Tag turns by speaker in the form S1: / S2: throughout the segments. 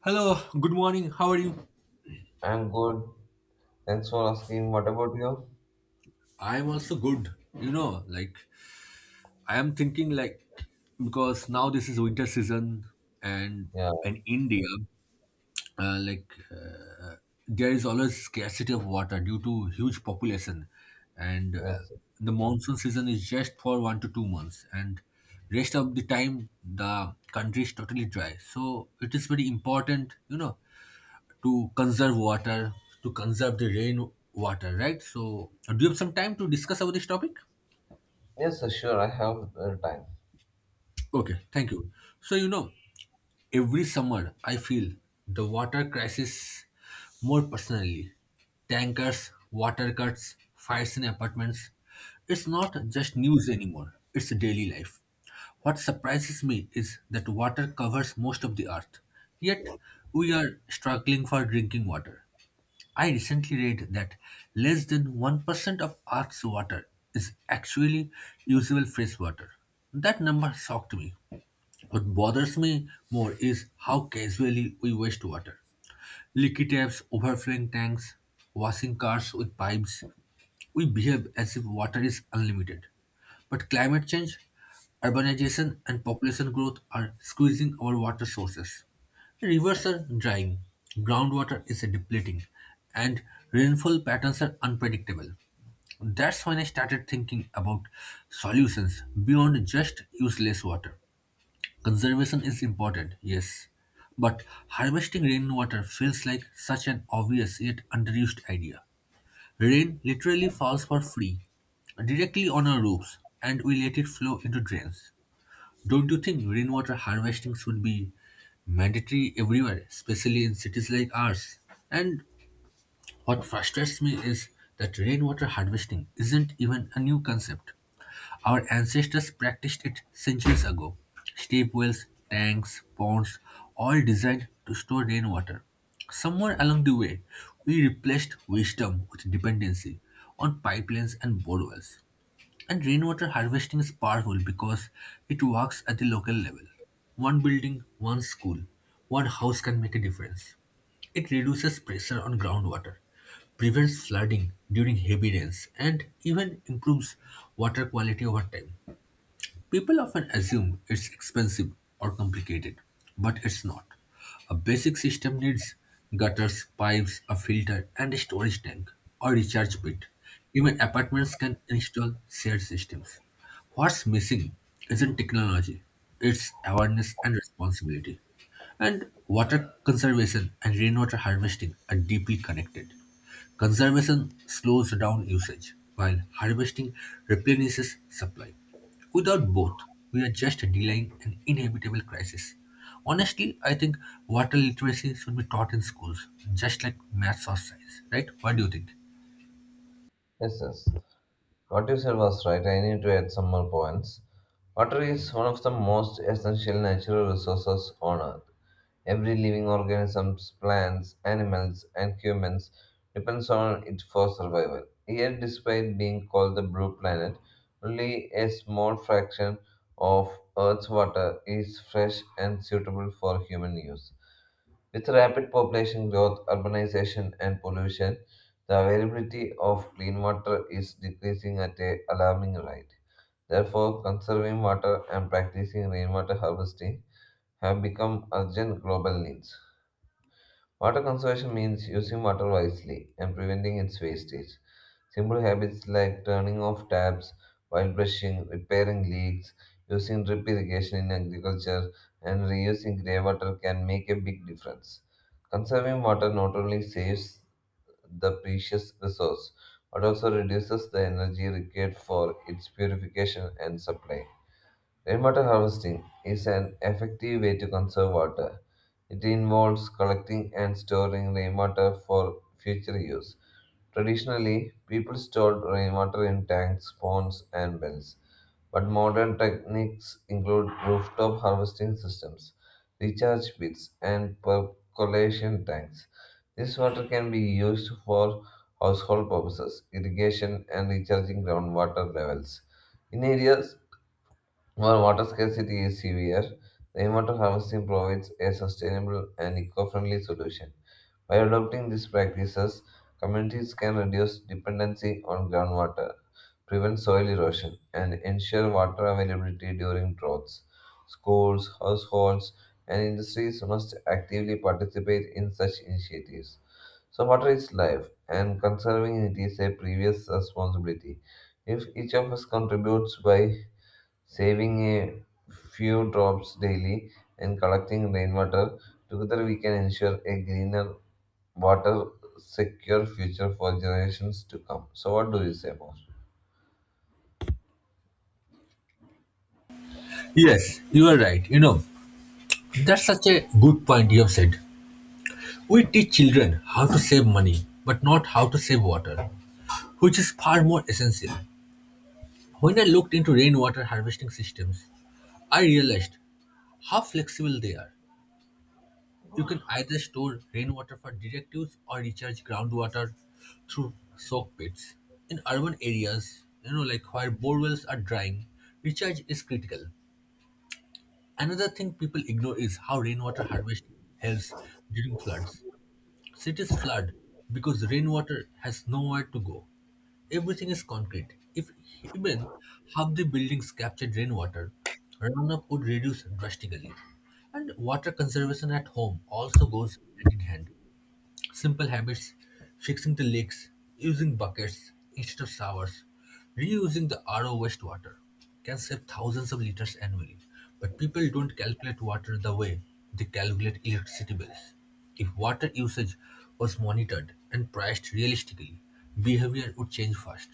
S1: Hello, good morning. How are you?
S2: I'm good. Thanks for asking. What about you?
S1: I am also good. Like, I am thinking like because now this is winter season and
S2: Yeah,
S1: in India, like there is always scarcity of water due to huge population, and
S2: yes.
S1: the monsoon season is just for 1 to 2 months, and rest of the time the country is totally dry. So it is very important, to conserve water, to conserve the rain water, right? So, do you have some time to discuss about this topic?
S2: Yes, sir, sure. I have time.
S1: Okay, thank you. So, every summer I feel the water crisis more personally. Tankers, water cuts, fires in apartments. It's not just news anymore, it's daily life. What surprises me is that water covers most of the earth, yet we are struggling for drinking water. I recently read that less than 1% of Earth's water is actually usable fresh water. That number shocked me. What bothers me more is how casually we waste water. Leaky taps, overflowing tanks, washing cars with pipes. We behave as if water is unlimited. But climate change, urbanization, and population growth are squeezing our water sources. Rivers are drying, groundwater is depleting, and rainfall patterns are unpredictable. That's when I started thinking about solutions beyond just use less water. Conservation is important, yes, but harvesting rainwater feels like such an obvious yet underused idea. Rain literally falls for free, directly on our roofs, and we let it flow into drains. Don't you think rainwater harvesting should be mandatory everywhere, especially in cities like ours? And what frustrates me is that rainwater harvesting isn't even a new concept. Our ancestors practiced it centuries ago. Steep wells, tanks, ponds, all designed to store rainwater. Somewhere along the way, we replaced wisdom with dependency on pipelines and borewells. And rainwater harvesting is powerful because it works at the local level. One building, one school, one house can make a difference. It reduces pressure on groundwater, prevents flooding during heavy rains, and even improves water quality over time. People often assume it's expensive or complicated, but it's not. A basic system needs gutters, pipes, a filter, and a storage tank or recharge pit. Even apartments can install shared systems. What's missing isn't technology, it's awareness and responsibility. And water conservation and rainwater harvesting are deeply connected. Conservation slows down usage, while harvesting replenishes supply. Without both, we are just delaying an inevitable crisis. Honestly, I think water literacy should be taught in schools, just like maths or science, right? What do you think?
S2: Yes, yes. What you said was right. I need to add some more points. Water is one of the most essential natural resources on Earth. Every living organism, plants, animals, and humans depends on it for survival. Yet, despite being called the blue planet, only a small fraction of Earth's water is fresh and suitable for human use. With rapid population growth, urbanization, and pollution, the availability of clean water is decreasing at an alarming rate. Therefore, conserving water and practicing rainwater harvesting have become urgent global needs. Water conservation means using water wisely and preventing its wastage. Simple habits like turning off taps while brushing, repairing leaks, using drip irrigation in agriculture, and reusing grey water can make a big difference. Conserving water not only saves the precious resource but also reduces the energy required for its purification and supply. Rainwater harvesting is an effective way to conserve water. It involves collecting and storing rainwater for future use. Traditionally, people stored rainwater in tanks, ponds, and wells, but modern techniques include rooftop harvesting systems, recharge pits, and percolation tanks. This water can be used for household purposes, irrigation, and recharging groundwater levels. In areas where water scarcity is severe, rainwater harvesting provides a sustainable and eco friendly solution. By adopting these practices, communities can reduce dependency on groundwater, prevent soil erosion, and ensure water availability during droughts. Schools, households, and industries must actively participate in such initiatives. So, water is life, and conserving it is a previous responsibility. If each of us contributes by saving a few drops daily and collecting rainwater, together we can ensure a greener water secure future for generations to come. So what do you say more?
S1: Yes, you are right. That's such a good point you have said. We teach children how to save money, but not how to save water, which is far more essential. When I looked into rainwater harvesting systems, I realized how flexible they are. You can either store rainwater for direct use or recharge groundwater through soak pits. In urban areas, like where borewells are drying, recharge is critical. Another thing people ignore is how rainwater harvesting helps during floods. Cities flood because rainwater has nowhere to go. Everything is concrete. If even half the buildings captured rainwater, runoff would reduce drastically. And water conservation at home also goes hand in hand. Simple habits, fixing the leaks, using buckets instead of showers, reusing the RO wastewater can save thousands of liters annually. But people don't calculate water the way they calculate electricity bills. If water usage was monitored and priced realistically, behavior would change fast.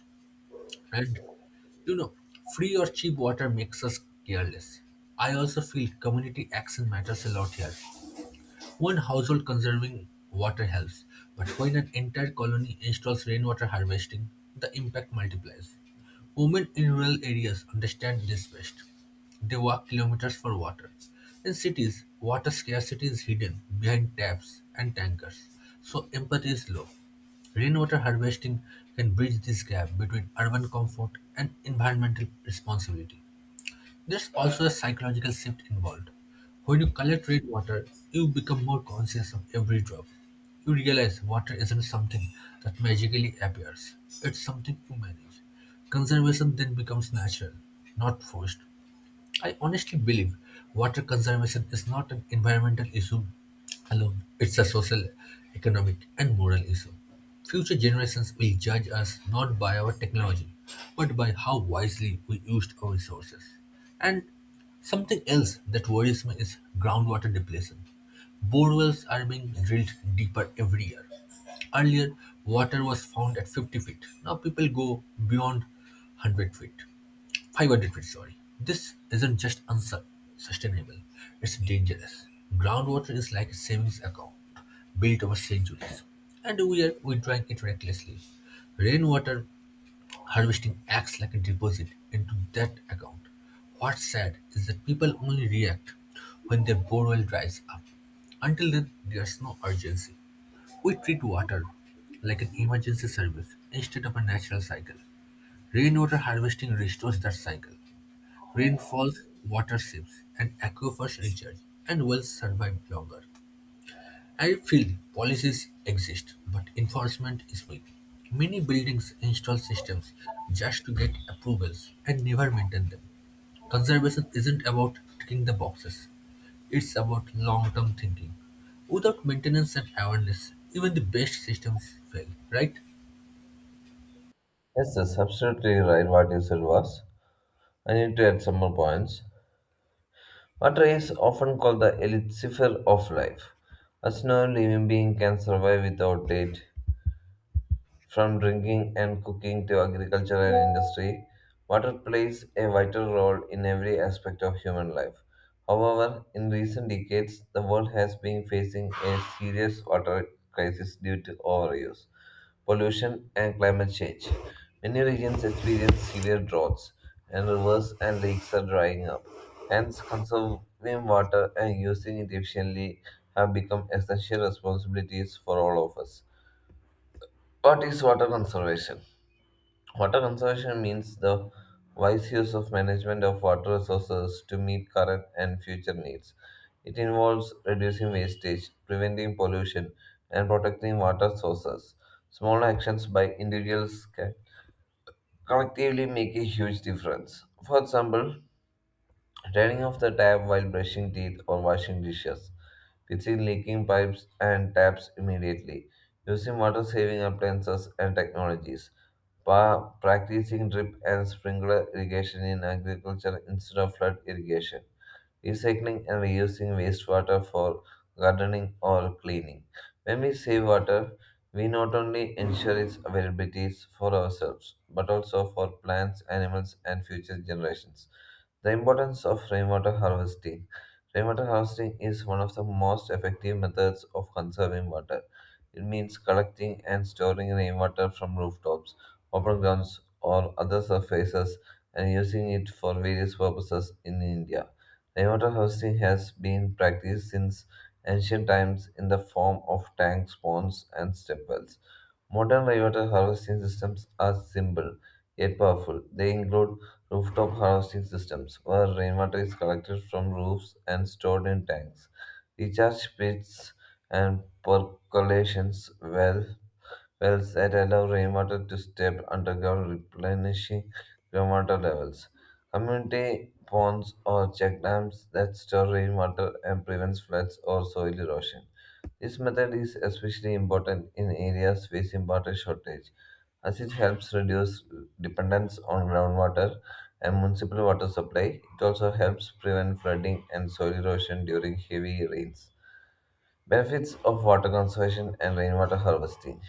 S1: And you know, free or cheap water makes us careless. I also feel community action matters a lot here. One household conserving water helps, but when an entire colony installs rainwater harvesting, the impact multiplies. Women in rural areas understand this best. They walk kilometers for water. In cities, water scarcity is hidden behind taps and tankers, so empathy is low. Rainwater harvesting can bridge this gap between urban comfort and environmental responsibility. There's also a psychological shift involved. When you collect rainwater, you become more conscious of every drop. You realize water isn't something that magically appears, it's something you manage. Conservation then becomes natural, not forced. I honestly believe water conservation is not an environmental issue alone, it's a social, economic, and moral issue. Future generations will judge us not by our technology, but by how wisely we used our resources. And something else that worries me is groundwater depletion. Borewells are being drilled deeper every year. Earlier, water was found at 50 feet. Now people go beyond 100 feet. I got sorry. This isn't just unsustainable, it's dangerous. Groundwater is like a savings account built over centuries, and we drank it recklessly. Rainwater harvesting acts like a deposit into that account. What's sad is that people only react when their borewell dries up. Until then, there's no urgency. We treat water like an emergency service instead of a natural cycle. Rainwater harvesting restores that cycle. Rainfalls, water watersheds, and aquifers recharge, and wells survive longer. I feel policies exist, but enforcement is weak. Many buildings install systems just to get approvals and never maintain them. Conservation isn't about ticking the boxes, it's about long term thinking. Without maintenance and awareness, even the best systems fail, right?
S2: Yes, that's absolutely right what you said was. I need to add some more points. Water is often called the elixir of life, as no living being can survive without it. From drinking and cooking to agriculture and industry, water plays a vital role in every aspect of human life. However, in recent decades, the world has been facing a serious water crisis due to overuse, pollution, and climate change. Many regions experience severe droughts, and rivers and lakes are drying up. Hence, conserving water and using it efficiently have become essential responsibilities for all of us. What is water conservation? Water conservation means the wise use of management of water resources to meet current and future needs. It involves reducing wastage, preventing pollution, and protecting water sources. Small actions by individuals can collectively make a huge difference. For example, turning off the tap while brushing teeth or washing dishes. Fixing leaking pipes and taps immediately. Using water saving appliances and technologies. Practicing drip and sprinkler irrigation in agriculture instead of flood irrigation. Recycling and reusing wastewater for gardening or cleaning. When we save water, we not only ensure its availability for ourselves, but also for plants, animals, and future generations. The importance of rainwater harvesting. Rainwater harvesting is one of the most effective methods of conserving water. It means collecting and storing rainwater from rooftops, open grounds, or other surfaces and using it for various purposes in India. Rainwater harvesting has been practiced since ancient times in the form of tanks, ponds, and step wells. Modern rainwater harvesting systems are simple yet powerful. They include rooftop harvesting systems, where rainwater is collected from roofs and stored in tanks, recharge pits, and percolation well, wells that allow rainwater to step underground, replenishing groundwater levels. Community ponds or check dams that store rainwater and prevents floods or soil erosion. This method is especially important in areas facing water shortage, as it helps reduce dependence on groundwater and municipal water supply. It also helps prevent flooding and soil erosion during heavy rains. Benefits of water conservation and rainwater harvesting: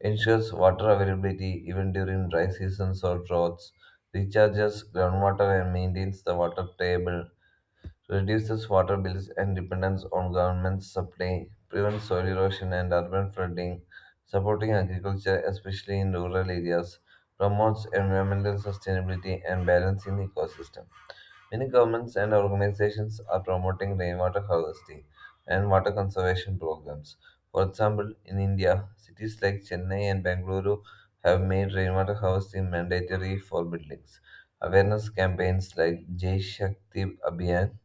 S2: ensures water availability even during dry seasons or droughts, recharges groundwater and maintains the water table, reduces water bills and dependence on government supply, prevents soil erosion and urban flooding, supporting agriculture, especially in rural areas, promotes environmental sustainability and balancing the ecosystem. Many governments and organizations are promoting rainwater harvesting and water conservation programs. For example, in India, cities like Chennai and Bengaluru have made rainwater harvesting mandatory for buildings. Awareness campaigns like Jai Shakti Abhiyan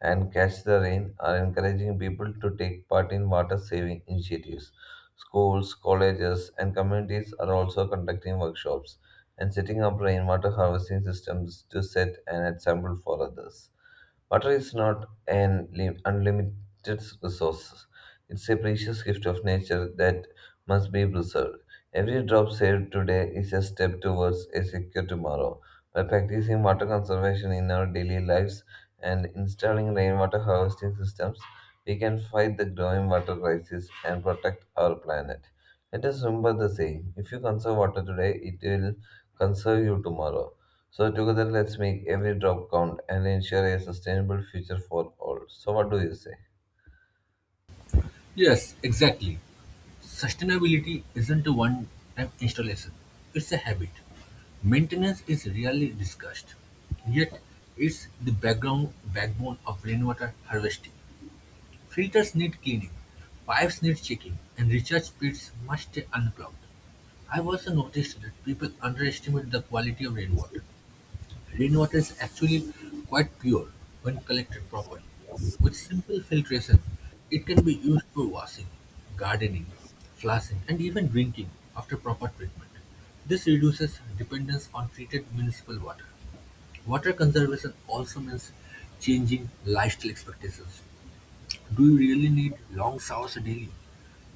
S2: and Catch the Rain are encouraging people to take part in water saving initiatives. Schools, colleges, and communities are also conducting workshops and setting up rainwater harvesting systems to set an example for others. Water is not an unlimited resource. It's a precious gift of nature that must be preserved. Every drop saved today is a step towards a secure tomorrow. By practicing water conservation in our daily lives and installing rainwater harvesting systems, we can fight the growing water crisis and protect our planet. Let us remember the saying, if you conserve water today, it will conserve you tomorrow. So, together, let's make every drop count and ensure a sustainable future for all. So, what do you say?
S1: Yes, exactly. Sustainability isn't a one-time installation, it's a habit. Maintenance is rarely discussed, yet it's the background backbone of rainwater harvesting. Filters need cleaning, pipes need checking, and recharge pits must stay unclogged. I've also noticed that people underestimate the quality of rainwater. Rainwater is actually quite pure when collected properly. With simple filtration, it can be used for washing, gardening, flushing, and even drinking after proper treatment. This reduces dependence on treated municipal water. Water conservation also means changing lifestyle expectations. Do you really need long showers daily?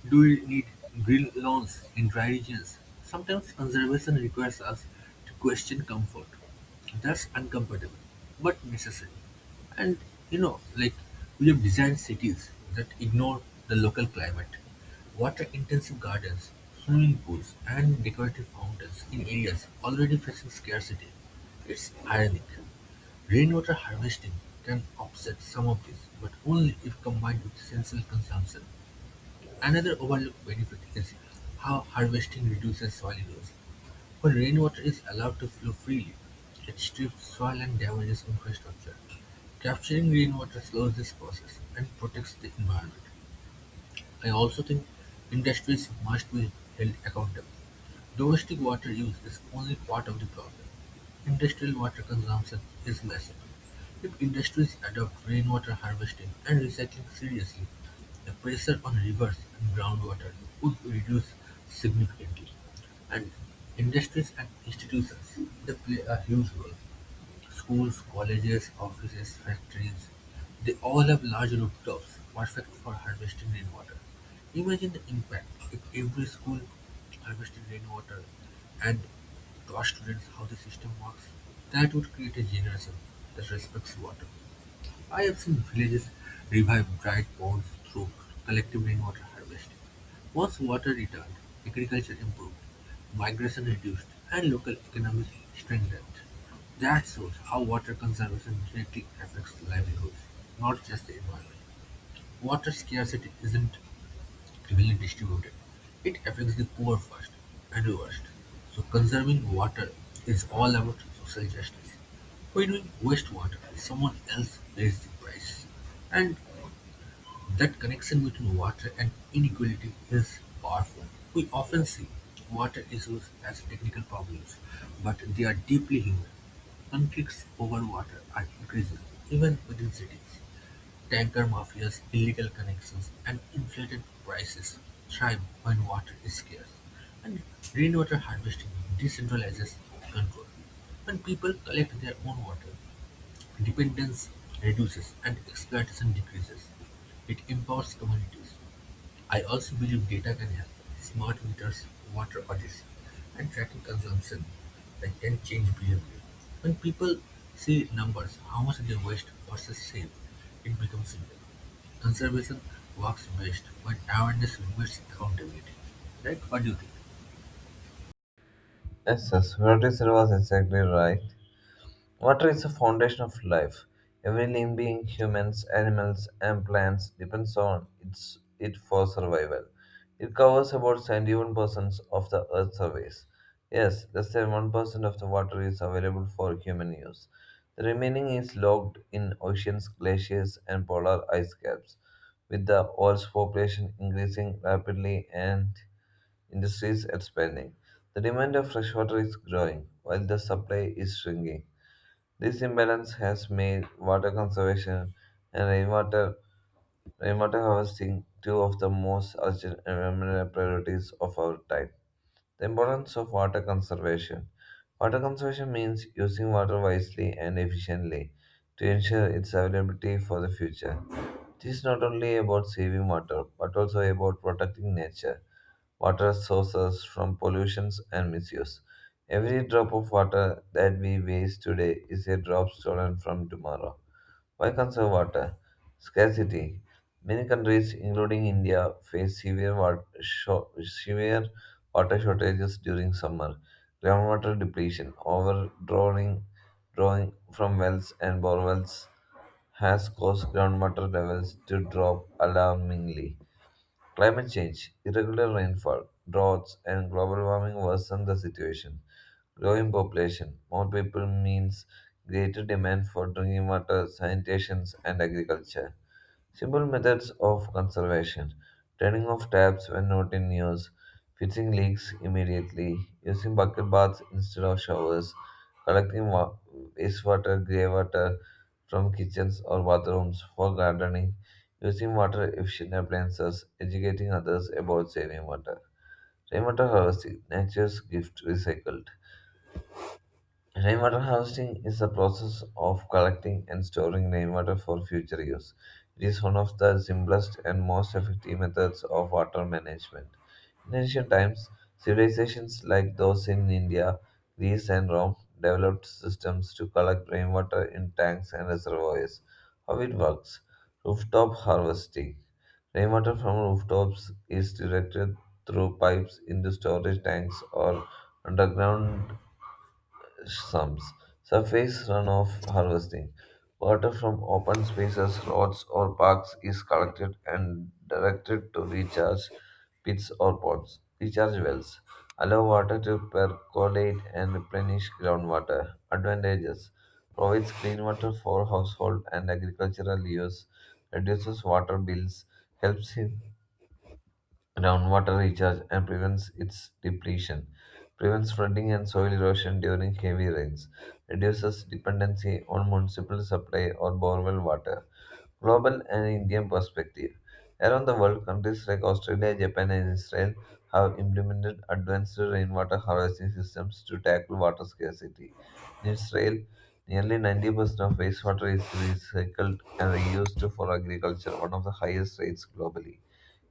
S1: Do you need green lawns in dry regions? Sometimes conservation requires us to question comfort. That's uncomfortable, but necessary. And like we have designed cities that ignore the local climate. Water intensive gardens, swimming pools, and decorative fountains in areas already facing scarcity. It's ironic. Rainwater harvesting can offset some of this, but only if combined with sensible consumption. Another overlooked benefit is how harvesting reduces soil erosion. When rainwater is allowed to flow freely, it strips soil and damages infrastructure. Capturing rainwater slows this process and protects the environment. I also think industries must be held accountable. Domestic water use is only part of the problem. Industrial water consumption is massive. If industries adopt rainwater harvesting and recycling seriously, the pressure on rivers and groundwater would reduce significantly. And industries and institutions, they play a huge role. Schools, colleges, offices, factories, they all have large rooftops, perfect for harvesting rainwater. Imagine the impact if every school harvested rainwater and taught students how the system works. That would create a generation that respects water. I have seen villages revive dried ponds through collective rainwater harvesting. Once water returned, agriculture improved, migration reduced, and local economies strengthened. That shows how water conservation directly affects livelihoods, not just the environment. Water scarcity isn't evenly distributed, it affects the poor first and worst. So conserving water is all about social justice. When we waste water, someone else pays the price. And that connection between water and inequality is powerful. We often see water issues as technical problems, but they are deeply human. Conflicts over water are increasing, even within cities. Tanker mafias, illegal connections, and inflated prices thrive when water is scarce, and rainwater harvesting decentralizes control. When people collect their own water, dependence reduces and exploitation decreases. It empowers communities. I also believe data can help. Smart meters, water audits, and tracking consumption that can change behavior. When people see numbers, how much they waste versus save, it becomes simple. Conservation works best when awareness meets accountability. Right? What do you think?
S2: Yes, yes, what you said was exactly right. Water is the foundation of life. Every living being, humans, animals, and plants, depends on it for survival. It covers about 71% of the Earth's surface. Yes, less than 1% of the water is available for human use. The remaining is locked in oceans, glaciers, and polar ice caps. With the world's population increasing rapidly and industries expanding, the demand of fresh water is growing, while the supply is shrinking. This imbalance has made water conservation and rainwater harvesting two of the most urgent environmental priorities of our time. The importance of water conservation. Water conservation means using water wisely and efficiently to ensure its availability for the future. This is not only about saving water but also about protecting nature water sources from pollutions and misuse. Every drop of water that we waste today is a drop stolen from tomorrow. Why conserve water? Scarcity. Many countries, including India, face severe water shortages during summer. Groundwater depletion, overdrawing drawing from wells and borewells has caused groundwater levels to drop alarmingly. Climate change, irregular rainfall, droughts, and global warming worsen the situation. Growing population, more people means greater demand for drinking water, sanitation, and agriculture. Simple methods of conservation: turning off taps when not in use, fixing leaks immediately, using bucket baths instead of showers, collecting wastewater, grey water from kitchens or bathrooms for gardening, using water efficient appliances, educating others about saving water. Rainwater harvesting, nature's gift recycled. Rainwater harvesting is the process of collecting and storing rainwater for future use. It is one of the simplest and most effective methods of water management. In ancient times, civilizations like those in India, Greece, and Rome developed systems to collect rainwater in tanks and reservoirs. How it works: rooftop harvesting. Rainwater from rooftops is directed through pipes into storage tanks or underground sums. Surface runoff harvesting. Water from open spaces, roads, or parks is collected and directed to recharge pits or ponds. Recharge wells allow water to percolate and replenish groundwater. Advantages: provides clean water for household and agricultural use, reduces water bills, helps in groundwater recharge and prevents its depletion, prevents flooding and soil erosion during heavy rains, reduces dependency on municipal supply or borewell water. Global and Indian perspective. Around the world, countries like Australia, Japan, and Israel have implemented advanced rainwater harvesting systems to tackle water scarcity. In Israel, nearly 90% of wastewater is recycled and reused for agriculture, one of the highest rates globally.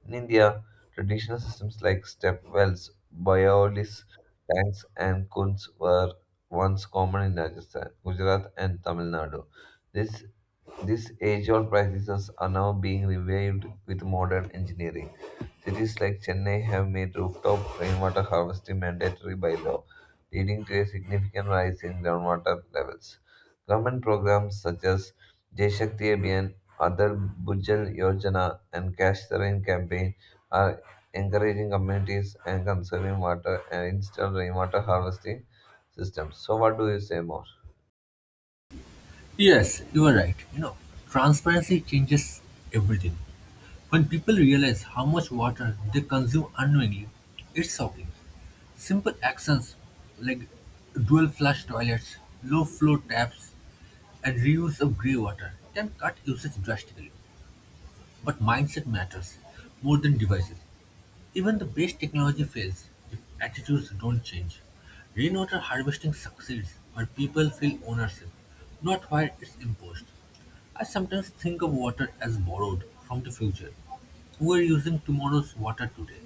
S2: In India, traditional systems like step wells, borealis tanks, and kuns were once common in Rajasthan, Gujarat, and Tamil Nadu. This, these age-old practices are now being revived with modern engineering. Cities like Chennai have made rooftop rainwater harvesting mandatory by law, leading to a significant rise in groundwater levels. Government programs such as Jai Shakti Abhiyan, Adar Bhujal Yojana, and Cash the Rain campaign are encouraging communities and conserving water and install rainwater harvesting systems. So, what do you say more?
S1: Yes, you are right. Transparency changes everything. When people realize how much water they consume unknowingly, it's shocking. Simple actions like dual flush toilets, low flow taps, and reuse of grey water can cut usage drastically. But mindset matters more than devices. Even the best technology fails if attitudes don't change. Rainwater harvesting succeeds where people feel ownership, not where it's imposed. I sometimes think of water as borrowed from the future. We're using tomorrow's water today.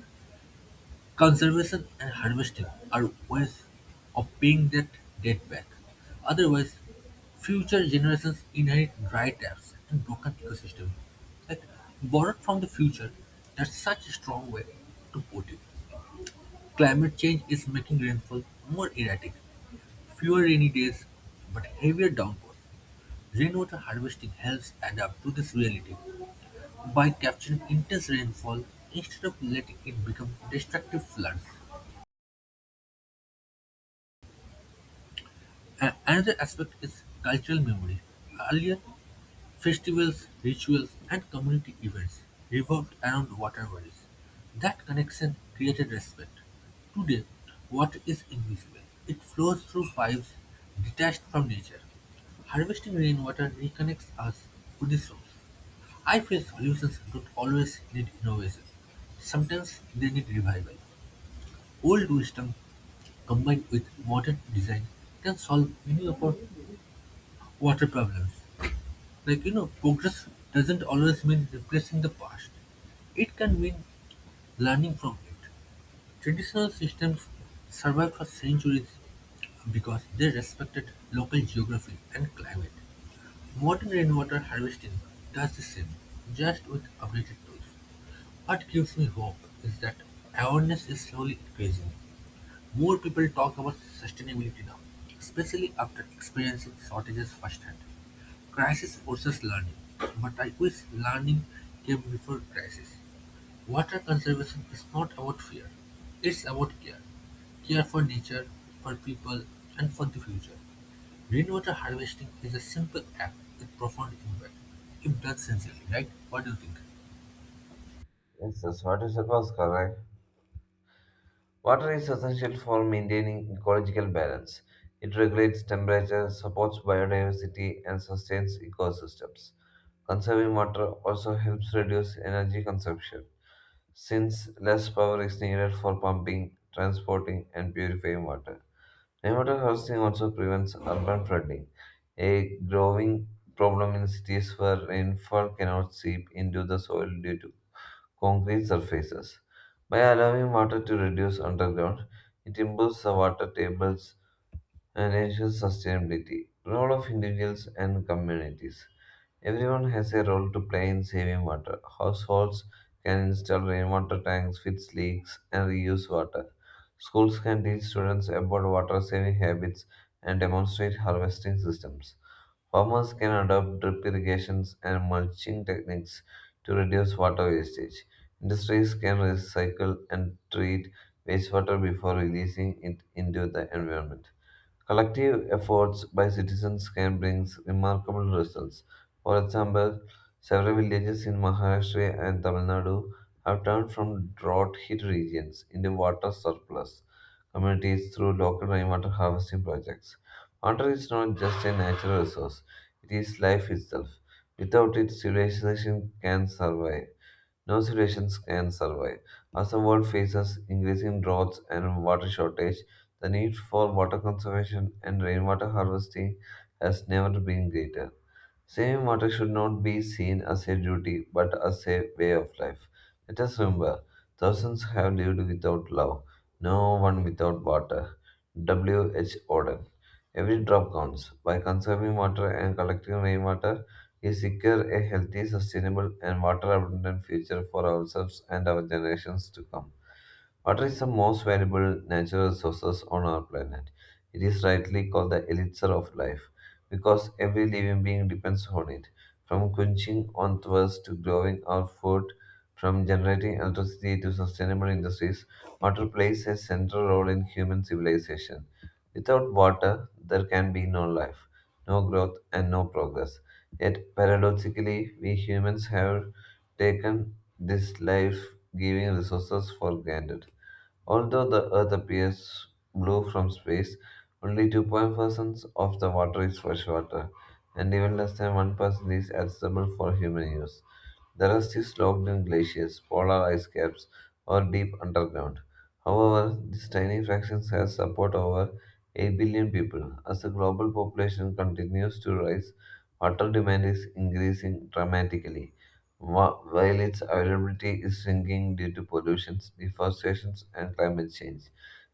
S1: Conservation and harvesting are ways of paying that debt back. Otherwise, future generations inherit dry taps and broken ecosystems. Like borrowed from the future, that's such a strong way to put it. Climate change is making rainfall more erratic, fewer rainy days, but heavier downpours. Rainwater harvesting helps adapt to this reality by capturing intense rainfall instead of letting it become destructive floods. Another aspect is cultural memory. Earlier, festivals, rituals, and community events revolved around waterways. That connection created respect. Today, water is invisible. It flows through pipes detached from nature. Harvesting rainwater reconnects us to the source. I feel solutions don't always need innovation. Sometimes they need revival. Old wisdom combined with modern design can solve many of our water problems. Like, progress doesn't always mean replacing the past, it can mean learning from it. Traditional systems survived for centuries because they respected local geography and climate. Modern rainwater harvesting does the same, just with updated tools. What gives me hope is that awareness is slowly increasing. More people talk about sustainability now, especially after experiencing shortages firsthand. Crisis forces learning, but I wish learning came before crisis. Water conservation is not about fear, it's about care. Care for nature, for people, and for the future. Rainwater harvesting is a simple act with profound impact, if done sincerely, right? What do you think?
S2: Yes, yes, what you said was correct. Water is essential for maintaining ecological balance. It regulates temperature, supports biodiversity, and sustains ecosystems. Conserving water also helps reduce energy consumption, since less power is needed for pumping, transporting, and purifying water. Rainwater harvesting also prevents urban flooding, a growing problem in cities where rainfall cannot seep into the soil due to concrete surfaces. By allowing water to reduce underground, it improves the water tables and ensures sustainability. Role of individuals and communities. Everyone has a role to play in saving water. Households can install rainwater tanks, fix leaks, and reuse water. Schools can teach students about water saving habits and demonstrate harvesting systems. Farmers can adopt drip irrigations and mulching techniques to reduce water wastage. Industries can recycle and treat wastewater before releasing it into the environment. Collective efforts by citizens can bring remarkable results. For example, several villages in Maharashtra and Tamil Nadu have turned from drought hit regions into water surplus communities through local rainwater harvesting projects. Water is not just a natural resource, it is life itself. Without it, civilization can survive. no civilizations can survive. As the world faces increasing droughts and water shortage, the need for water conservation and rainwater harvesting has never been greater. Saving water should not be seen as a duty but as a way of life. Let us remember, thousands have lived without love, no one without water. W. H. Auden. Every drop counts. By conserving water and collecting rainwater, we secure a healthy, sustainable, and water abundant future for ourselves and our generations to come. Water is the most valuable natural resources on our planet. It is rightly called the elixir of life because every living being depends on it. From quenching on thirst to growing our food, from generating electricity to sustainable industries, water plays a central role in human civilization. Without water, there can be no life, no growth, and no progress. Yet, paradoxically, we humans have taken this life giving resources for granted. Although the Earth appears blue from space, only 2.5% of the water is freshwater, and even less than 1% is accessible for human use. The rest is locked in glaciers, polar ice caps, or deep underground. However, this tiny fraction has support over 8 billion people. As the global population continues to rise, water demand is increasing dramatically, while its availability is shrinking due to pollution, deforestation, and climate change.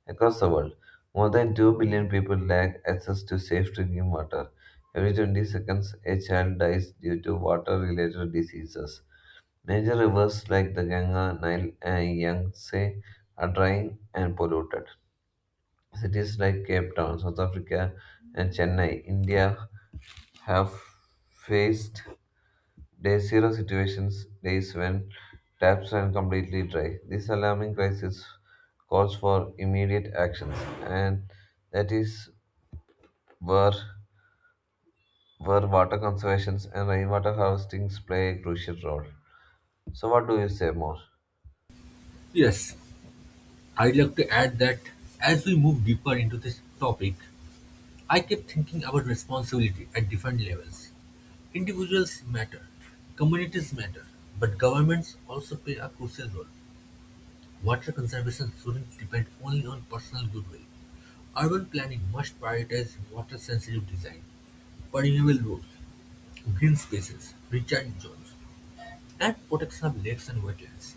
S2: Across the world, more than 2 billion people lack access to safe drinking water. Every 20 seconds, a child dies due to water related diseases. Major rivers like the Ganga, Nile, and Yangtze are drying and polluted. Cities like Cape Town, South Africa, and Chennai, India have faced Day zero situations, days when taps ran completely dry. This alarming crisis calls for immediate actions, and that is where, where water conservation and rainwater harvesting play a crucial role. So, what do you say more?
S1: Yes, I'd like to add that as we move deeper into this topic, I kept thinking about responsibility at different levels. Individuals matter, communities matter, but governments also play a crucial role. Water conservation shouldn't depend only on personal goodwill. Urban planning must prioritize water sensitive design, permeable roads, green spaces, recharge zones, and protection of lakes and wetlands.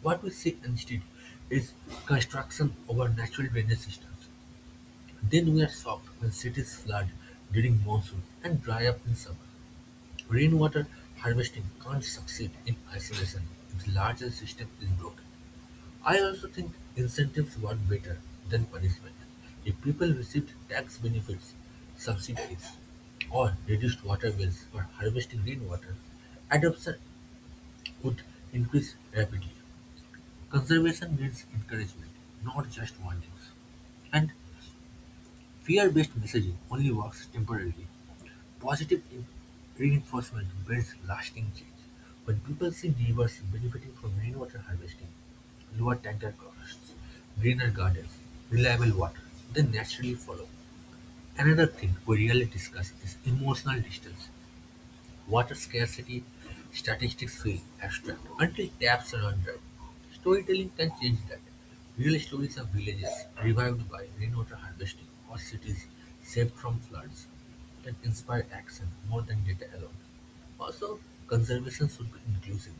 S1: What we see instead is construction over natural drainage systems. Then we are shocked when cities flood during monsoon and dry up in summer. Rainwater harvesting can't succeed in isolation if the larger system is broken. I also think incentives work better than punishment. If people received tax benefits, subsidies, or reduced water bills for harvesting rainwater, adoption would increase rapidly. Conservation needs encouragement, not just warnings. And fear based messaging only works temporarily. Positive reinforcement builds lasting change. When people see neighbors benefiting from rainwater harvesting, lower tanker costs, greener gardens, reliable water, they naturally follow. Another thing we rarely discuss is emotional distance. Water scarcity statistics feel abstract until taps are under. Storytelling can change that. Real stories of villages revived by rainwater harvesting or cities saved from floods can inspire action more than data alone. Also, conservation should be inclusive.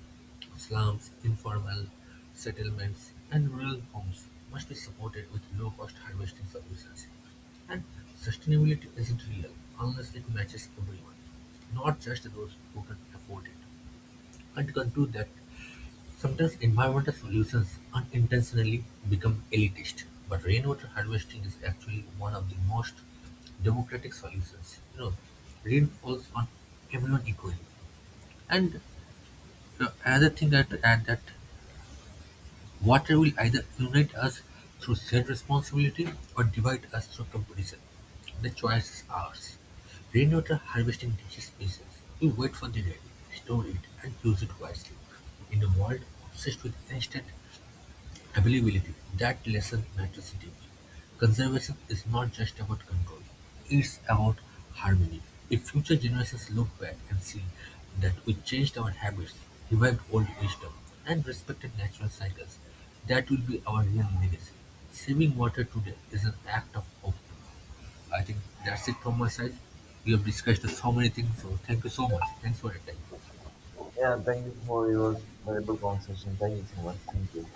S1: Slums, informal settlements, and rural homes must be supported with low-cost harvesting solutions. And sustainability isn't real unless it matches everyone, not just those who can afford it. And to conclude that sometimes environmental solutions unintentionally become elitist, but rainwater harvesting is actually one of the most democratic solutions. Rain falls on everyone equally. And so another thing I have to add that water will either unite us through shared responsibility or divide us through competition. The choice is ours. Rainwater harvesting teaches patience. We wait for the rain, store it, and use it wisely. In a world obsessed with instant availability, that lesson matters deeply. Conservation is not just about control, it's about harmony. If future generations look back and see that we changed our habits, revived old wisdom, and respected natural cycles, that will be our real legacy. Saving water today is an act of hope. I think that's it from my side. We have discussed so many things, so thank you so much. Thanks for your time.
S2: Yeah, thank you for your valuable conversation. Thank you so much. Thank you.